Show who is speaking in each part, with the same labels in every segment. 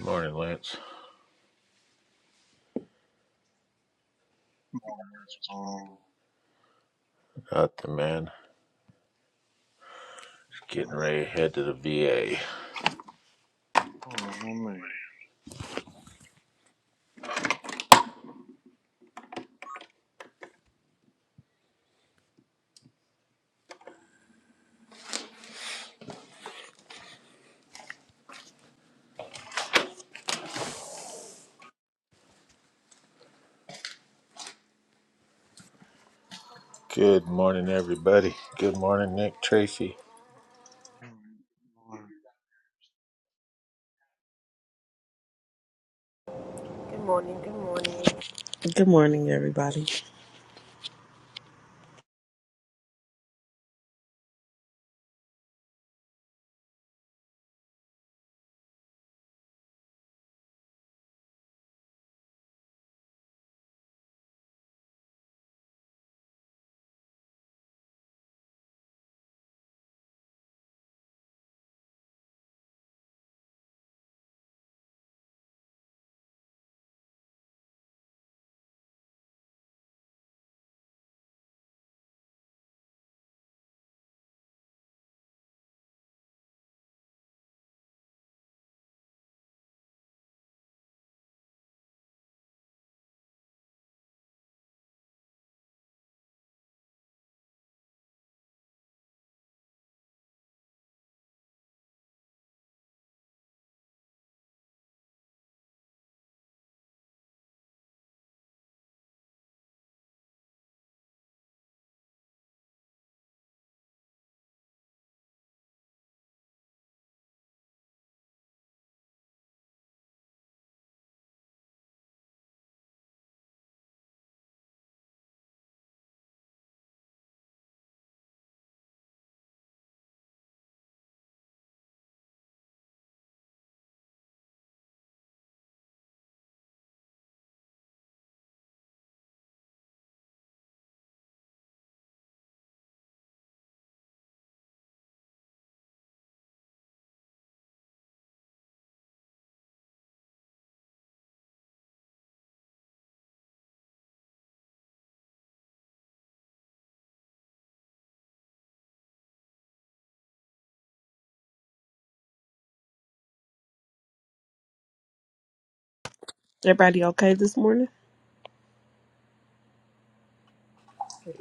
Speaker 1: Morning, Lance.
Speaker 2: Morning, what's going on?
Speaker 1: Got the man. Just Getting
Speaker 2: Uh,
Speaker 1: ready to head to the VA.
Speaker 2: hold on one
Speaker 1: Good morning, everybody. Good morning, Nick Tracy.
Speaker 2: right, all right. I'll
Speaker 3: Good morning, good morning.
Speaker 4: Good morning, everybody. Everybody okay this morning?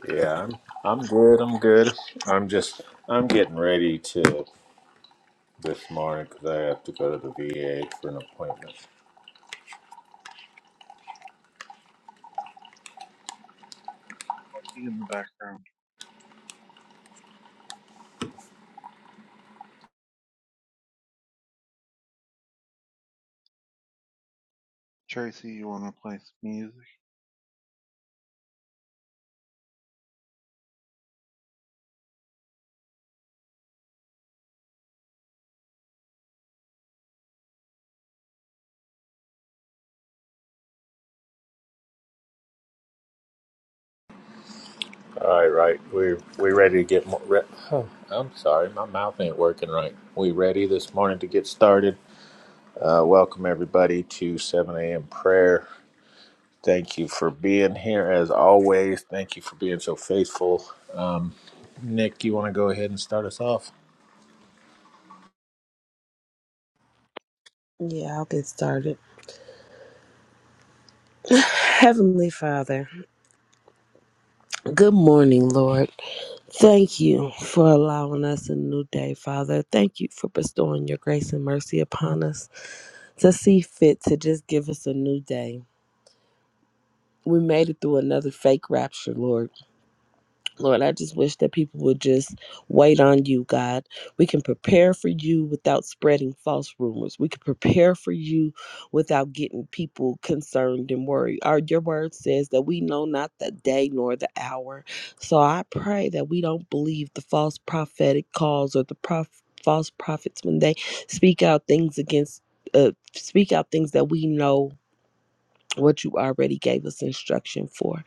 Speaker 1: Yeah, I'm, I'm good. I'm good. I'm just, I'm getting ready to this morning because I have to go to the VA for an appointment.
Speaker 2: see you in the background. Tracy, you want to play some music?
Speaker 1: All right, right. we we ready to get more. Re- oh, I'm sorry, my mouth ain't working right. We ready this morning to get started. Uh, welcome everybody to 7 a.m. prayer. Thank you for being here as always. Thank you for being so faithful. Nick, you want to go ahead and start us off?
Speaker 4: Yeah, I'll get started. Heavenly Father, good morning, Lord. Thank you for allowing us a new day, Father. Thank you for bestowing your grace and mercy upon us to see fit to just give us a new day. We made it through another fake rapture, Lord. Lord, I just wish that people would just wait on you, God. We can prepare for you without spreading false rumors. We can prepare for you without getting people concerned and worried. Our, your word says that we know not the day nor the hour. So I pray that we don't believe the false prophetic calls or the prof- false prophets when they speak out things against, uh, speak out things that we know what you already gave us instruction for.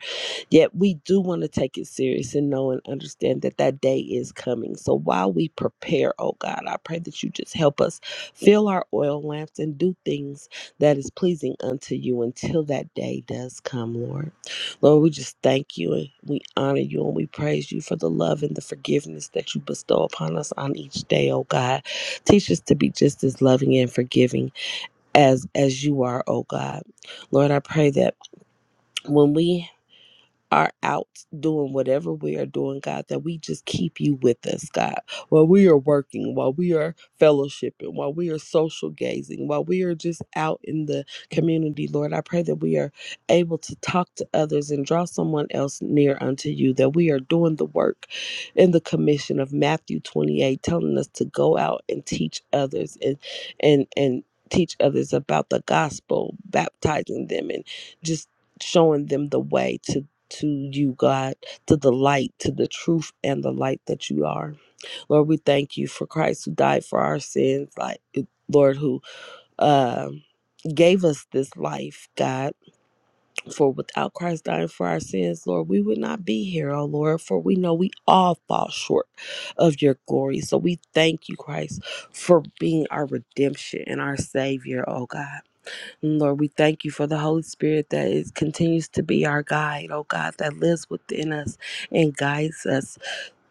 Speaker 4: Yet we do want to take it serious and know and understand that that day is coming. So while we prepare, oh God, I pray that you just help us fill our oil lamps and do things that is pleasing unto you until that day does come, Lord. Lord, we just thank you and we honor you and we praise you for the love and the forgiveness that you bestow upon us on each day, oh God. Teach us to be just as loving and forgiving as as you are, oh God. Lord, I pray that when we are out doing whatever we are doing, God, that we just keep you with us, God, while we are working, while we are fellowshipping, while we are social gazing, while we are just out in the community, Lord. I pray that we are able to talk to others and draw someone else near unto you, that we are doing the work in the commission of Matthew 28, telling us to go out and teach others and, and, and, teach others about the gospel baptizing them and just showing them the way to to you, God, to the light, to the truth and the light that you are. Lord, we thank you for Christ who died for our sins, like Lord, who um gave us this life, God. For without Christ dying for our sins, Lord, we would not be here, oh Lord, for we know we all fall short of your glory. So we thank you, Christ, for being our redemption and our savior, oh God. Lord, we thank you for the Holy Spirit that is continues to be our guide, oh God, that lives within us and guides us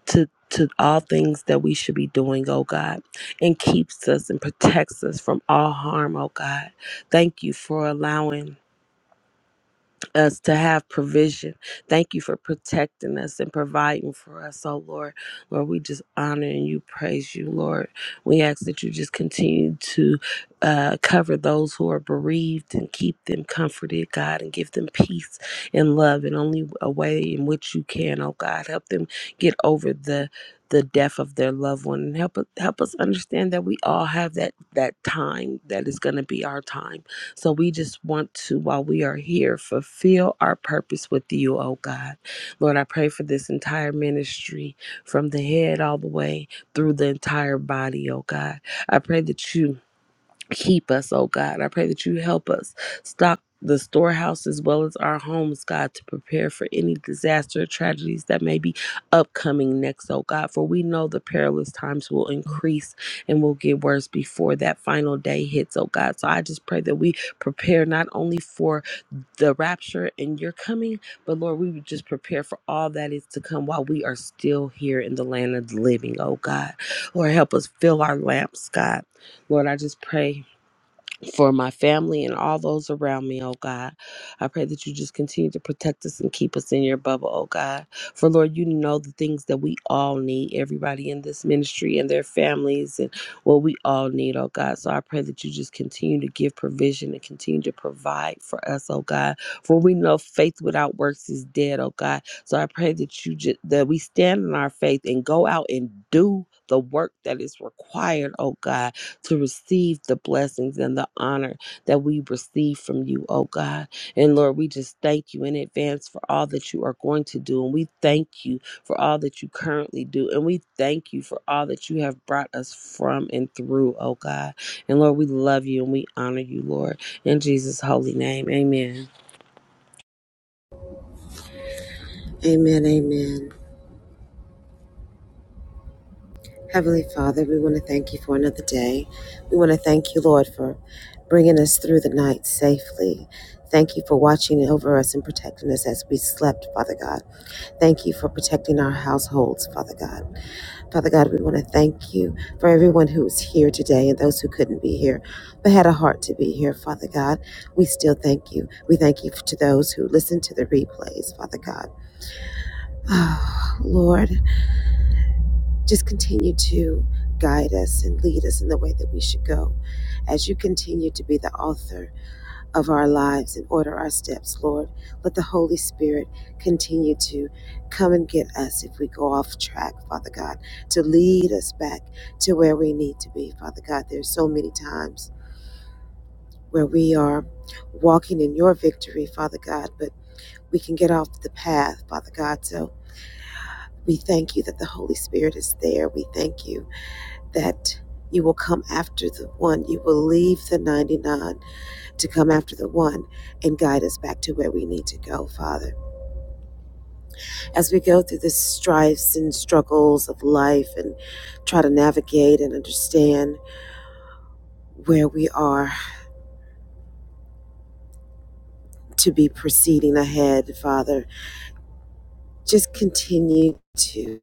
Speaker 4: to to all things that we should be doing, oh God, and keeps us and protects us from all harm, oh God. Thank you for allowing us to have provision. Thank you for protecting us and providing for us, oh Lord. Lord, we just honor and you praise you, Lord. We ask that you just continue to uh, cover those who are bereaved and keep them comforted, God, and give them peace and love in only a way in which you can, oh God. Help them get over the the death of their loved one and help us help us understand that we all have that that time that is going to be our time so we just want to, while we are here, fulfill our purpose with you, oh God. Lord, I pray for this entire ministry from the head all the way through the entire body, oh God. I pray that you Keep us, oh God. I pray that you help us stock the storehouse as well as our homes, God, to prepare for any disaster or tragedies that may be upcoming next, oh God. For we know the perilous times will increase and will get worse before that final day hits, oh God. So I just pray that we prepare not only for the rapture and your coming, but Lord, we would just prepare for all that is to come while we are still here in the land of the living, oh God. Lord, help us fill our lamps, God. Lord, I just pray for my family and all those around me, oh God. I pray that you just continue to protect us and keep us in your bubble, oh God. For Lord, you know the things that we all need, everybody in this ministry and their families and what we all need, oh God. So I pray that you just continue to give provision and continue to provide for us, oh God. For we know faith without works is dead, oh God. So I pray that you just that we stand in our faith and go out and do the work that is required, oh God to receive the blessings and the honor that we receive from you, oh God. And Lord, we just thank you in advance for all that you are going to do. And we thank you for all that you currently do. And we thank you for all that you have brought us from and through, oh God. And Lord, we love you and we honor you, Lord. In Jesus' holy name, amen.
Speaker 3: Amen, amen. Heavenly Father, we want to thank you for another day. We want to thank you, Lord, for bringing us through the night safely. Thank you for watching over us and protecting us as we slept, Father God. Thank you for protecting our households, Father God. Father God, we want to thank you for everyone who is here today and those who couldn't be here but had a heart to be here, Father God. We still thank you. We thank you to those who listen to the replays, Father God. Oh, Lord. Just continue to guide us and lead us in the way that we should go. As you continue to be the author of our lives and order our steps, Lord, let the Holy Spirit continue to come and get us if we go off track, Father God, to lead us back to where we need to be, Father God. There's so many times where we are walking in your victory, Father God, but we can get off the path, Father God. So we thank you that the Holy Spirit is there. We thank you that you will come after the one. You will leave the 99 to come after the one and guide us back to where we need to go, Father. As we go through the strifes and struggles of life and try to navigate and understand where we are to be proceeding ahead, Father, just continue to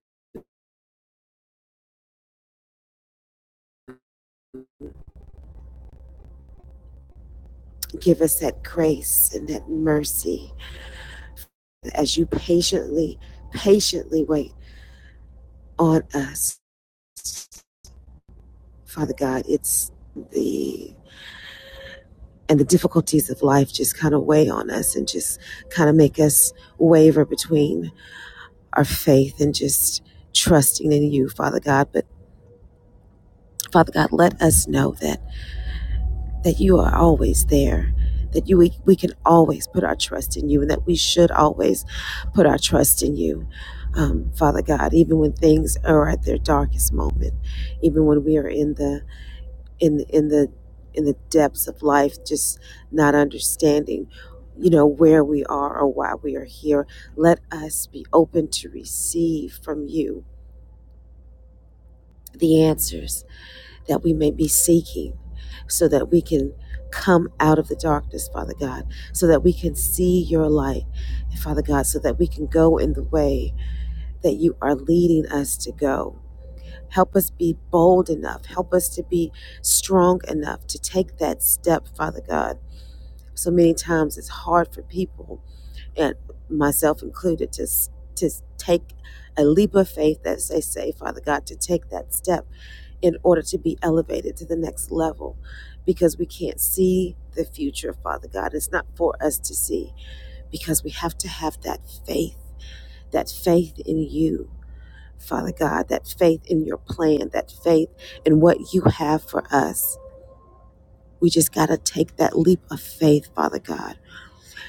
Speaker 3: give us that grace and that mercy as you patiently, patiently wait on us. Father God, it's the and the difficulties of life just kind of weigh on us and just kind of make us waver between our faith and just trusting in you, Father God. But Father God, let us know that that you are always there, that you we, we can always put our trust in you, and that we should always put our trust in you. Um, Father God, even when things are at their darkest moment, even when we are in the in in the in the depths of life just not understanding you know where we are or why we are here let us be open to receive from you the answers that we may be seeking so that we can come out of the darkness father god so that we can see your light father god so that we can go in the way that you are leading us to go help us be bold enough help us to be strong enough to take that step father god So many times it's hard for people, and myself included, to to take a leap of faith that they say, Father God, to take that step in order to be elevated to the next level, because we can't see the future, Father God. It's not for us to see, because we have to have that faith, that faith in you. Father God, that faith in your plan, that faith in what you have for us. We just got to take that leap of faith, Father God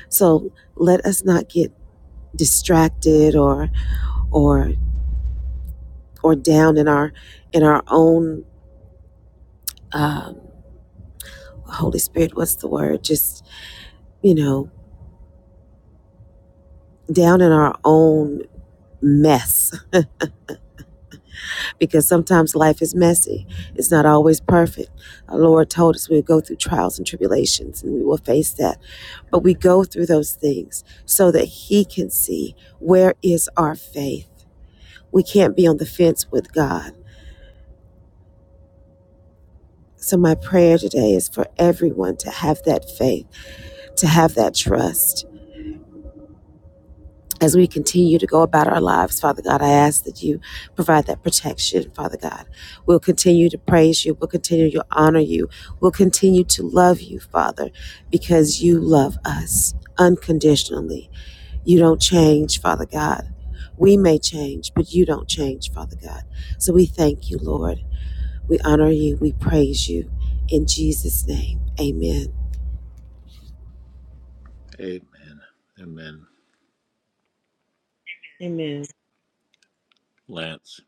Speaker 3: So let us not get distracted or or or down in our in our own um, Holy Spirit. What's the word? Just you know, down in our own mess because sometimes life is messy. It's not always perfect. Our Lord told us we would go through trials and tribulations and we will face that. But we go through those things so that He can see where is our faith. We can't be on the fence with God So, my prayer today is for everyone to have that faith, to have that trust. As we continue to go about our lives, Father God, I ask that you provide that protection, Father God. We'll continue to praise you. We'll continue to honor you. We'll continue to love you, Father, because you love us unconditionally. You don't change, Father God. We may change, but you don't change, Father God. So we thank you, Lord. We honor you. We praise you. In Jesus' name, amen.
Speaker 1: Amen. Amen.
Speaker 4: Amen.
Speaker 1: Lance,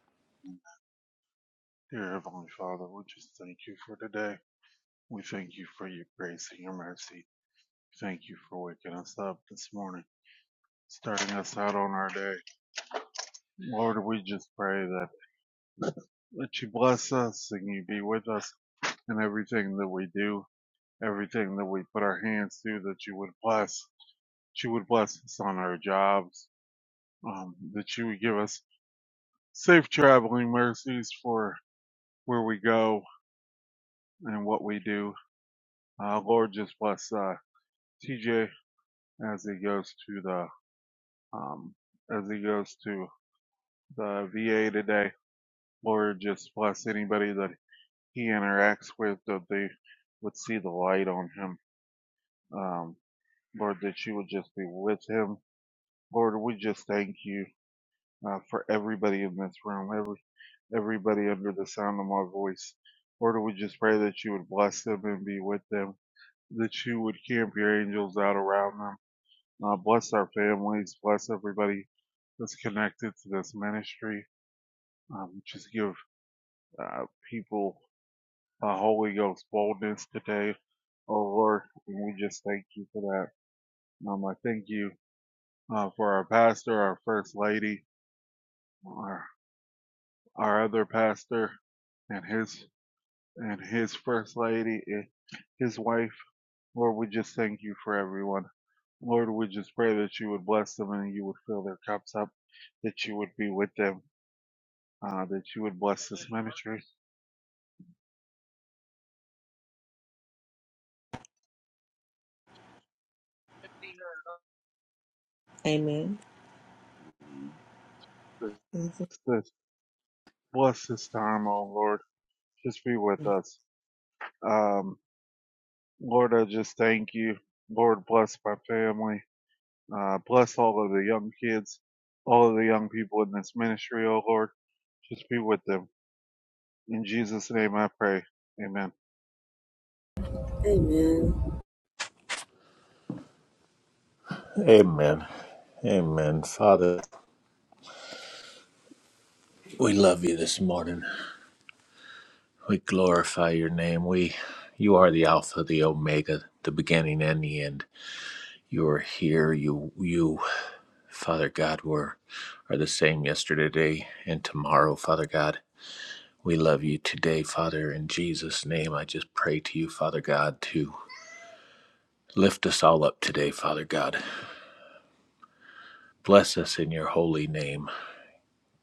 Speaker 2: Dear Heavenly Father, we just thank you for today. We thank you for your grace and your mercy. Thank you for waking us up this morning, starting us out on our day. Lord, we just pray that, that you bless us and you be with us in everything that we do, everything that we put our hands to, that you would bless. That you would bless us on our jobs, um, that you would give us safe traveling mercies for where we go and what we do. Uh, Lord, just bless uh, TJ as he goes to the um, as he goes to the VA today. Lord, just bless anybody that he interacts with that they would see the light on him. Um, Lord, that you would just be with him. Lord, we just thank you uh, for everybody in this room, every everybody under the sound of my voice. Lord, we just pray that you would bless them and be with them, that you would camp your angels out around them. Uh, bless our families, bless everybody that's connected to this ministry. Um, just give uh, people the Holy Ghost boldness today, oh Lord, and we just thank you for that. Um, I thank you uh, for our pastor, our first lady, our, our other pastor, and his and his first lady, and his wife. Lord, we just thank you for everyone. Lord, we just pray that you would bless them and you would fill their cups up, that you would be with them, uh, that you would bless this ministry,
Speaker 4: Amen. Mhm.
Speaker 2: bless this time, oh Lord. Just be with us. Um, Lord, I just thank you. Lord, bless my family. Uh, bless all of the young kids, all of the young people in this ministry, oh Lord. Just be with them. In Jesus' name I pray. Amen.
Speaker 3: Amen.
Speaker 1: Amen. Amen. Father, we love you this morning. We glorify your name. We you are the Alpha, the Omega, the beginning and the end. You are here. You you, Father God, were are the same yesterday, today, and tomorrow, Father God. We love you today, Father. In Jesus' name, I just pray to you, Father God, to lift us all up today, Father God. Bless us in your holy name.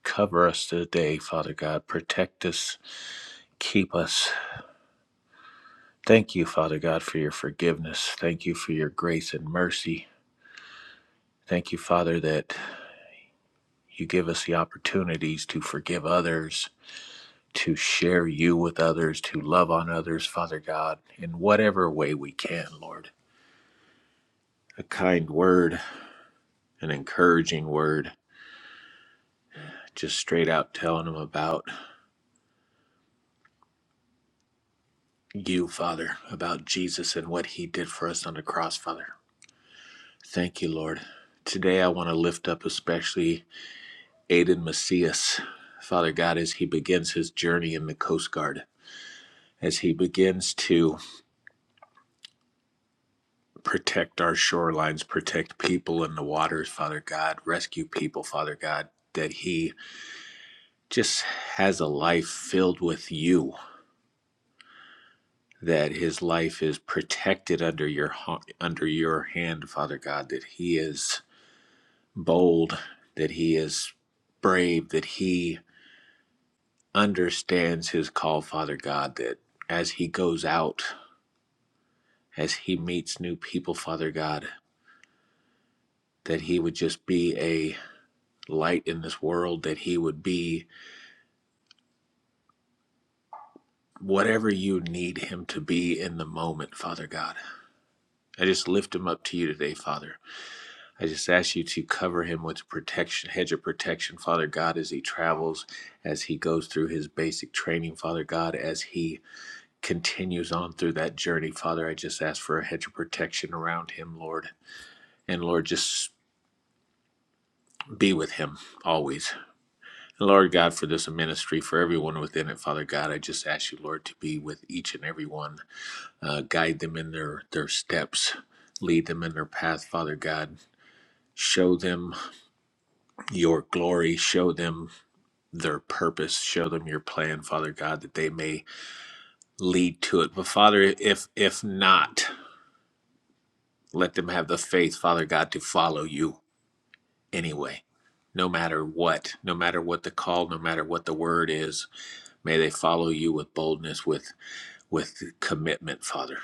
Speaker 1: Cover us today, Father God. Protect us. Keep us. Thank you, Father God, for your forgiveness. Thank you for your grace and mercy. Thank you, Father, that you give us the opportunities to forgive others, to share you with others, to love on others, Father God, in whatever way we can, Lord. A kind word, an encouraging word, just straight out telling them about you, Father, about Jesus and what he did for us on the cross, Father. Thank you, Lord. Today I want to lift up especially Aiden Macias, Father God, as he begins his journey in the Coast Guard, as he begins to protect our shorelines, protect people in the waters, Father God, rescue people, Father God, that he just has a life filled with you that his life is protected under your under your hand, Father God, that he is bold, that he is brave, that he understands his call, Father God, that as he goes out, as he meets new people, Father God, that he would just be a light in this world, that he would be whatever you need him to be in the moment, Father God. I just lift him up to you today, Father. I just ask you to cover him with protection, hedge of protection, Father God, as he travels, as he goes through his basic training, Father God, as he continues on through that journey, Father. I just ask for a hedge of protection around him, Lord. And Lord, just be with him always. And Lord God, for this ministry, for everyone within it, Father God, I just ask you, Lord, to be with each and every one. Uh, guide them in their, their steps, lead them in their path, Father God. Show them your glory. Show them their purpose show them your plan father god that they may lead to it but father if if not let them have the faith father god to follow you anyway no matter what no matter what the call no matter what the word is may they follow you with boldness with with commitment father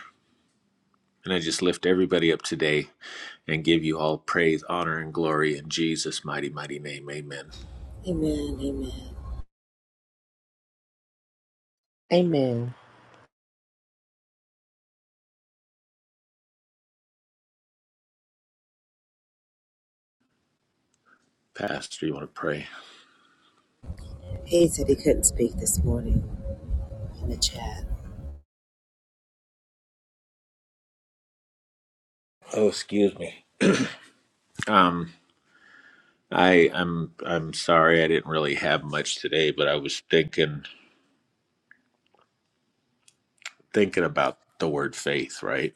Speaker 1: and i just lift everybody up today and give you all praise honor and glory in jesus mighty mighty name amen
Speaker 3: Amen. Amen.
Speaker 4: Amen.
Speaker 1: pastor you want to pray
Speaker 3: Paige said he couldn't speak this morning in the chat.
Speaker 1: oh excuse me um I I'm I'm sorry I didn't really have much today, but I was thinking thinking about the word faith, right?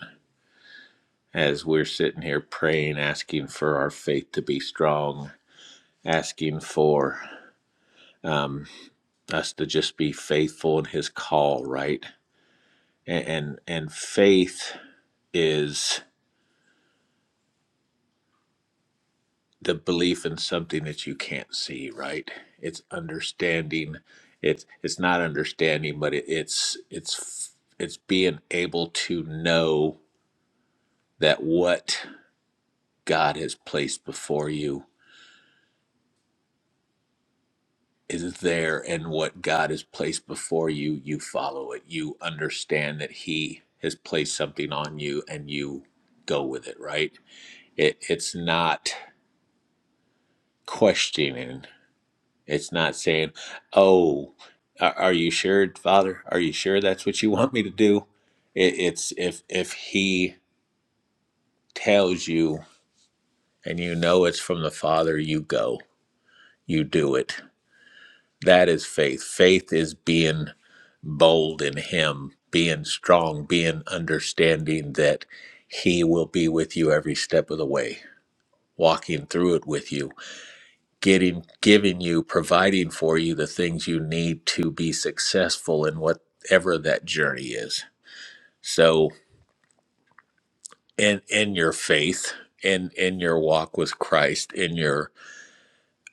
Speaker 1: As we're sitting here praying, asking for our faith to be strong, asking for um, us to just be faithful in His call, right? And and, and faith is. the belief in something that you can't see right it's understanding it's it's not understanding but it, it's it's it's being able to know that what god has placed before you is there and what god has placed before you you follow it you understand that he has placed something on you and you go with it right it it's not questioning It's not saying, "Oh, are, are you sure, Father? Are you sure that's what you want me to do?" It, it's if if He tells you and you know it's from the Father, you go, you do it. That is faith. Faith is being bold in Him, being strong, being understanding that He will be with you every step of the way, walking through it with you getting giving you providing for you the things you need to be successful in whatever that journey is so in in your faith in in your walk with christ in your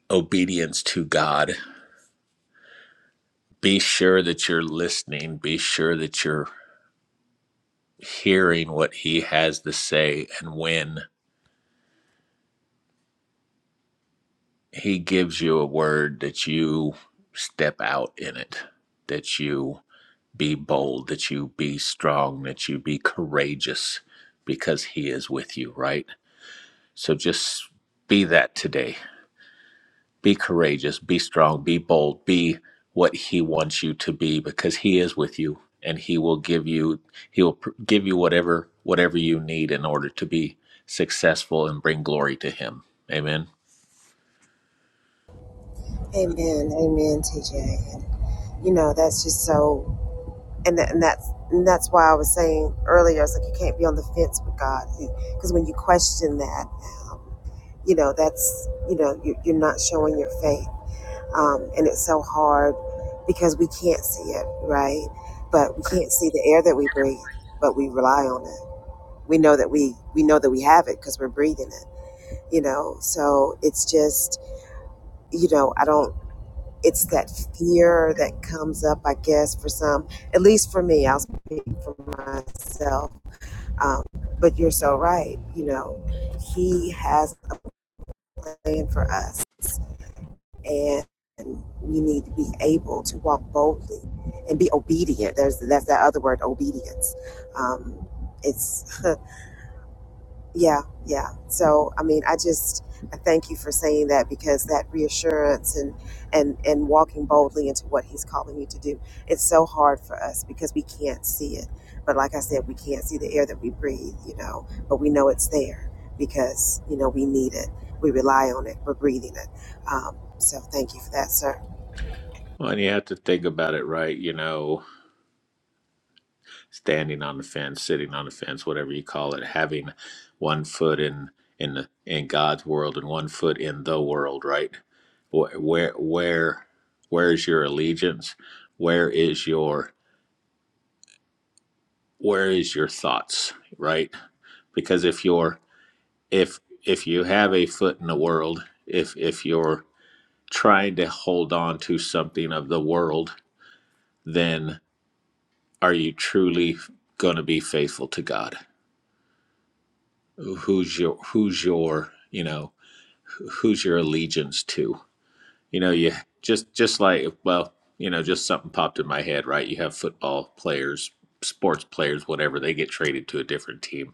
Speaker 1: obedience to god be sure that you're listening be sure that you're hearing what he has to say and when he gives you a word that you step out in it that you be bold, that you be strong, that you be courageous because He is with you, right? So just be that today. Be courageous, be strong, be bold, be what He wants you to be because He is with you and He will give you, He will pr- give you whatever, whatever you need in order to be successful and bring glory to Him. Amen.
Speaker 3: Amen. Amen, TJ. And, you know, that's just so, and, tha- and that's and that's why I was saying earlier, I was like you can't be on the fence with God. Because when you question that, um, you know, that's, you know, you- you're not showing your faith. Um, and it's so hard because we can't see it, right? But we can't see the air that we breathe, but we rely on it. we know that we we know that we have it because we're breathing it you know so it's just you know i don't it's that fear that comes up i guess for some at least for me i'll speak for myself um, but you're so right you know he has a plan for us and we need to be able to walk boldly and be obedient there's that's that other word obedience um, it's Yeah, yeah. So, I mean, I just I thank you for saying that because that reassurance and and and walking boldly into what he's calling you to do. It's so hard for us because we can't see it. But like I said, we can't see the air that we breathe, you know, but we know it's there because, you know, we need it. We rely on it. We're breathing it. Um, so thank you for that, sir.
Speaker 1: Well, and you have to think about it, right? You know, standing on the fence, sitting on the fence, whatever you call it, having one foot in in the, in God's world and one foot in the world, right? Wh- Where where where is your allegiance? Where is your where is your thoughts, right? Because if you're if if you have a foot in the world, if if you're trying to hold on to something of the world, then are you truly going to be faithful to God? who's your who's your you know who's your allegiance to you know you just just like well you know just something popped in my head right you have football players sports players whatever they get traded to a different team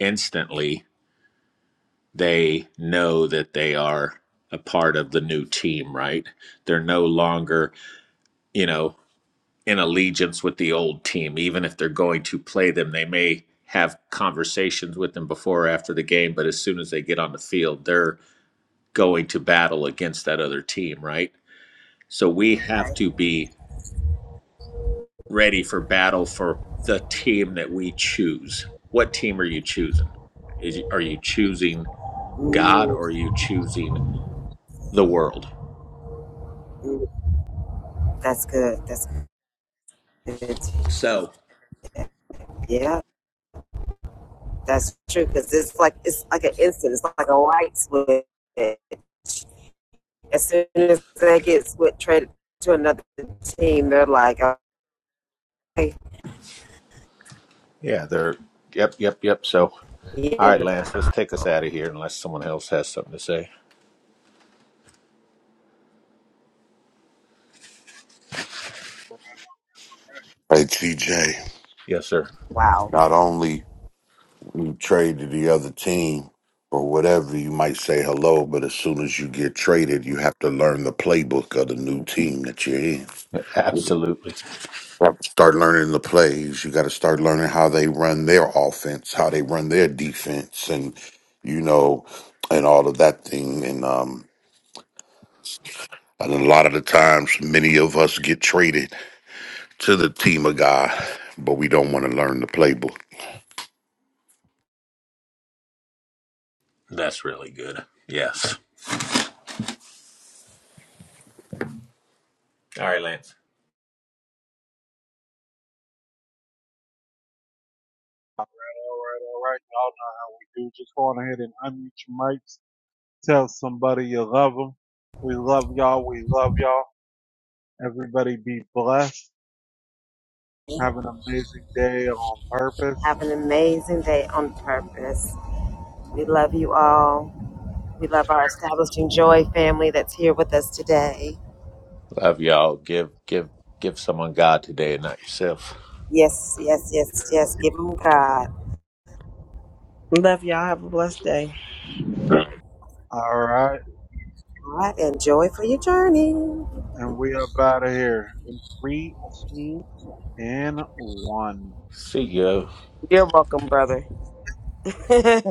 Speaker 1: instantly they know that they are a part of the new team right they're no longer you know in allegiance with the old team even if they're going to play them they may have conversations with them before or after the game but as soon as they get on the field they're going to battle against that other team, right? So we have
Speaker 3: Right.
Speaker 1: to be ready for battle for the team that we choose. What team are you choosing? Is are you choosing God
Speaker 3: Ooh,
Speaker 1: or are you choosing the world?
Speaker 3: ooh, that's good. That's good. teaching.
Speaker 1: So
Speaker 3: That's true because it's like it's like an instant. It's like a light switch. As soon as they get switched traded to another team, they're like, "Okay,
Speaker 1: Yeah, they're. Yep, yep, yep. So, all right, Lance, let's take us out of here unless someone else has something to say.
Speaker 5: Hey TJ,
Speaker 1: Yes, sir.
Speaker 3: wow,
Speaker 5: not only when you trade to the other team or whatever, you might say hello, but as soon as you get traded, you have to learn the playbook of the new team that you're in.
Speaker 1: Absolutely.
Speaker 5: You have to start learning the plays. You got to start learning how they run their offense, how they run their defense, and you know, and all of that thing. And um, and a lot of the times, many of us get traded to the team of God, but we don't want to learn the playbook.
Speaker 1: that's really good. Yes. All right, Lance.
Speaker 2: All right, all right, all right. Y'all know how we do. Just go on ahead and unmute your mics. Tell somebody you love them. We love y'all. We love y'all. Everybody be blessed. Have an amazing day on purpose.
Speaker 3: have an amazing day on purpose." We love you all. We love our establishing joy family that's here with us today.
Speaker 1: Love y'all. Give, give, give someone God today and not yourself.
Speaker 3: Yes, yes, yes, yes.
Speaker 2: Yes.
Speaker 3: Give them God,
Speaker 4: Love y'all. Have a blessed day.
Speaker 2: All right.
Speaker 3: God, and joy for your journey.
Speaker 2: And we up out of here. In three, two, and one.
Speaker 1: See ya.
Speaker 4: You're welcome, brother.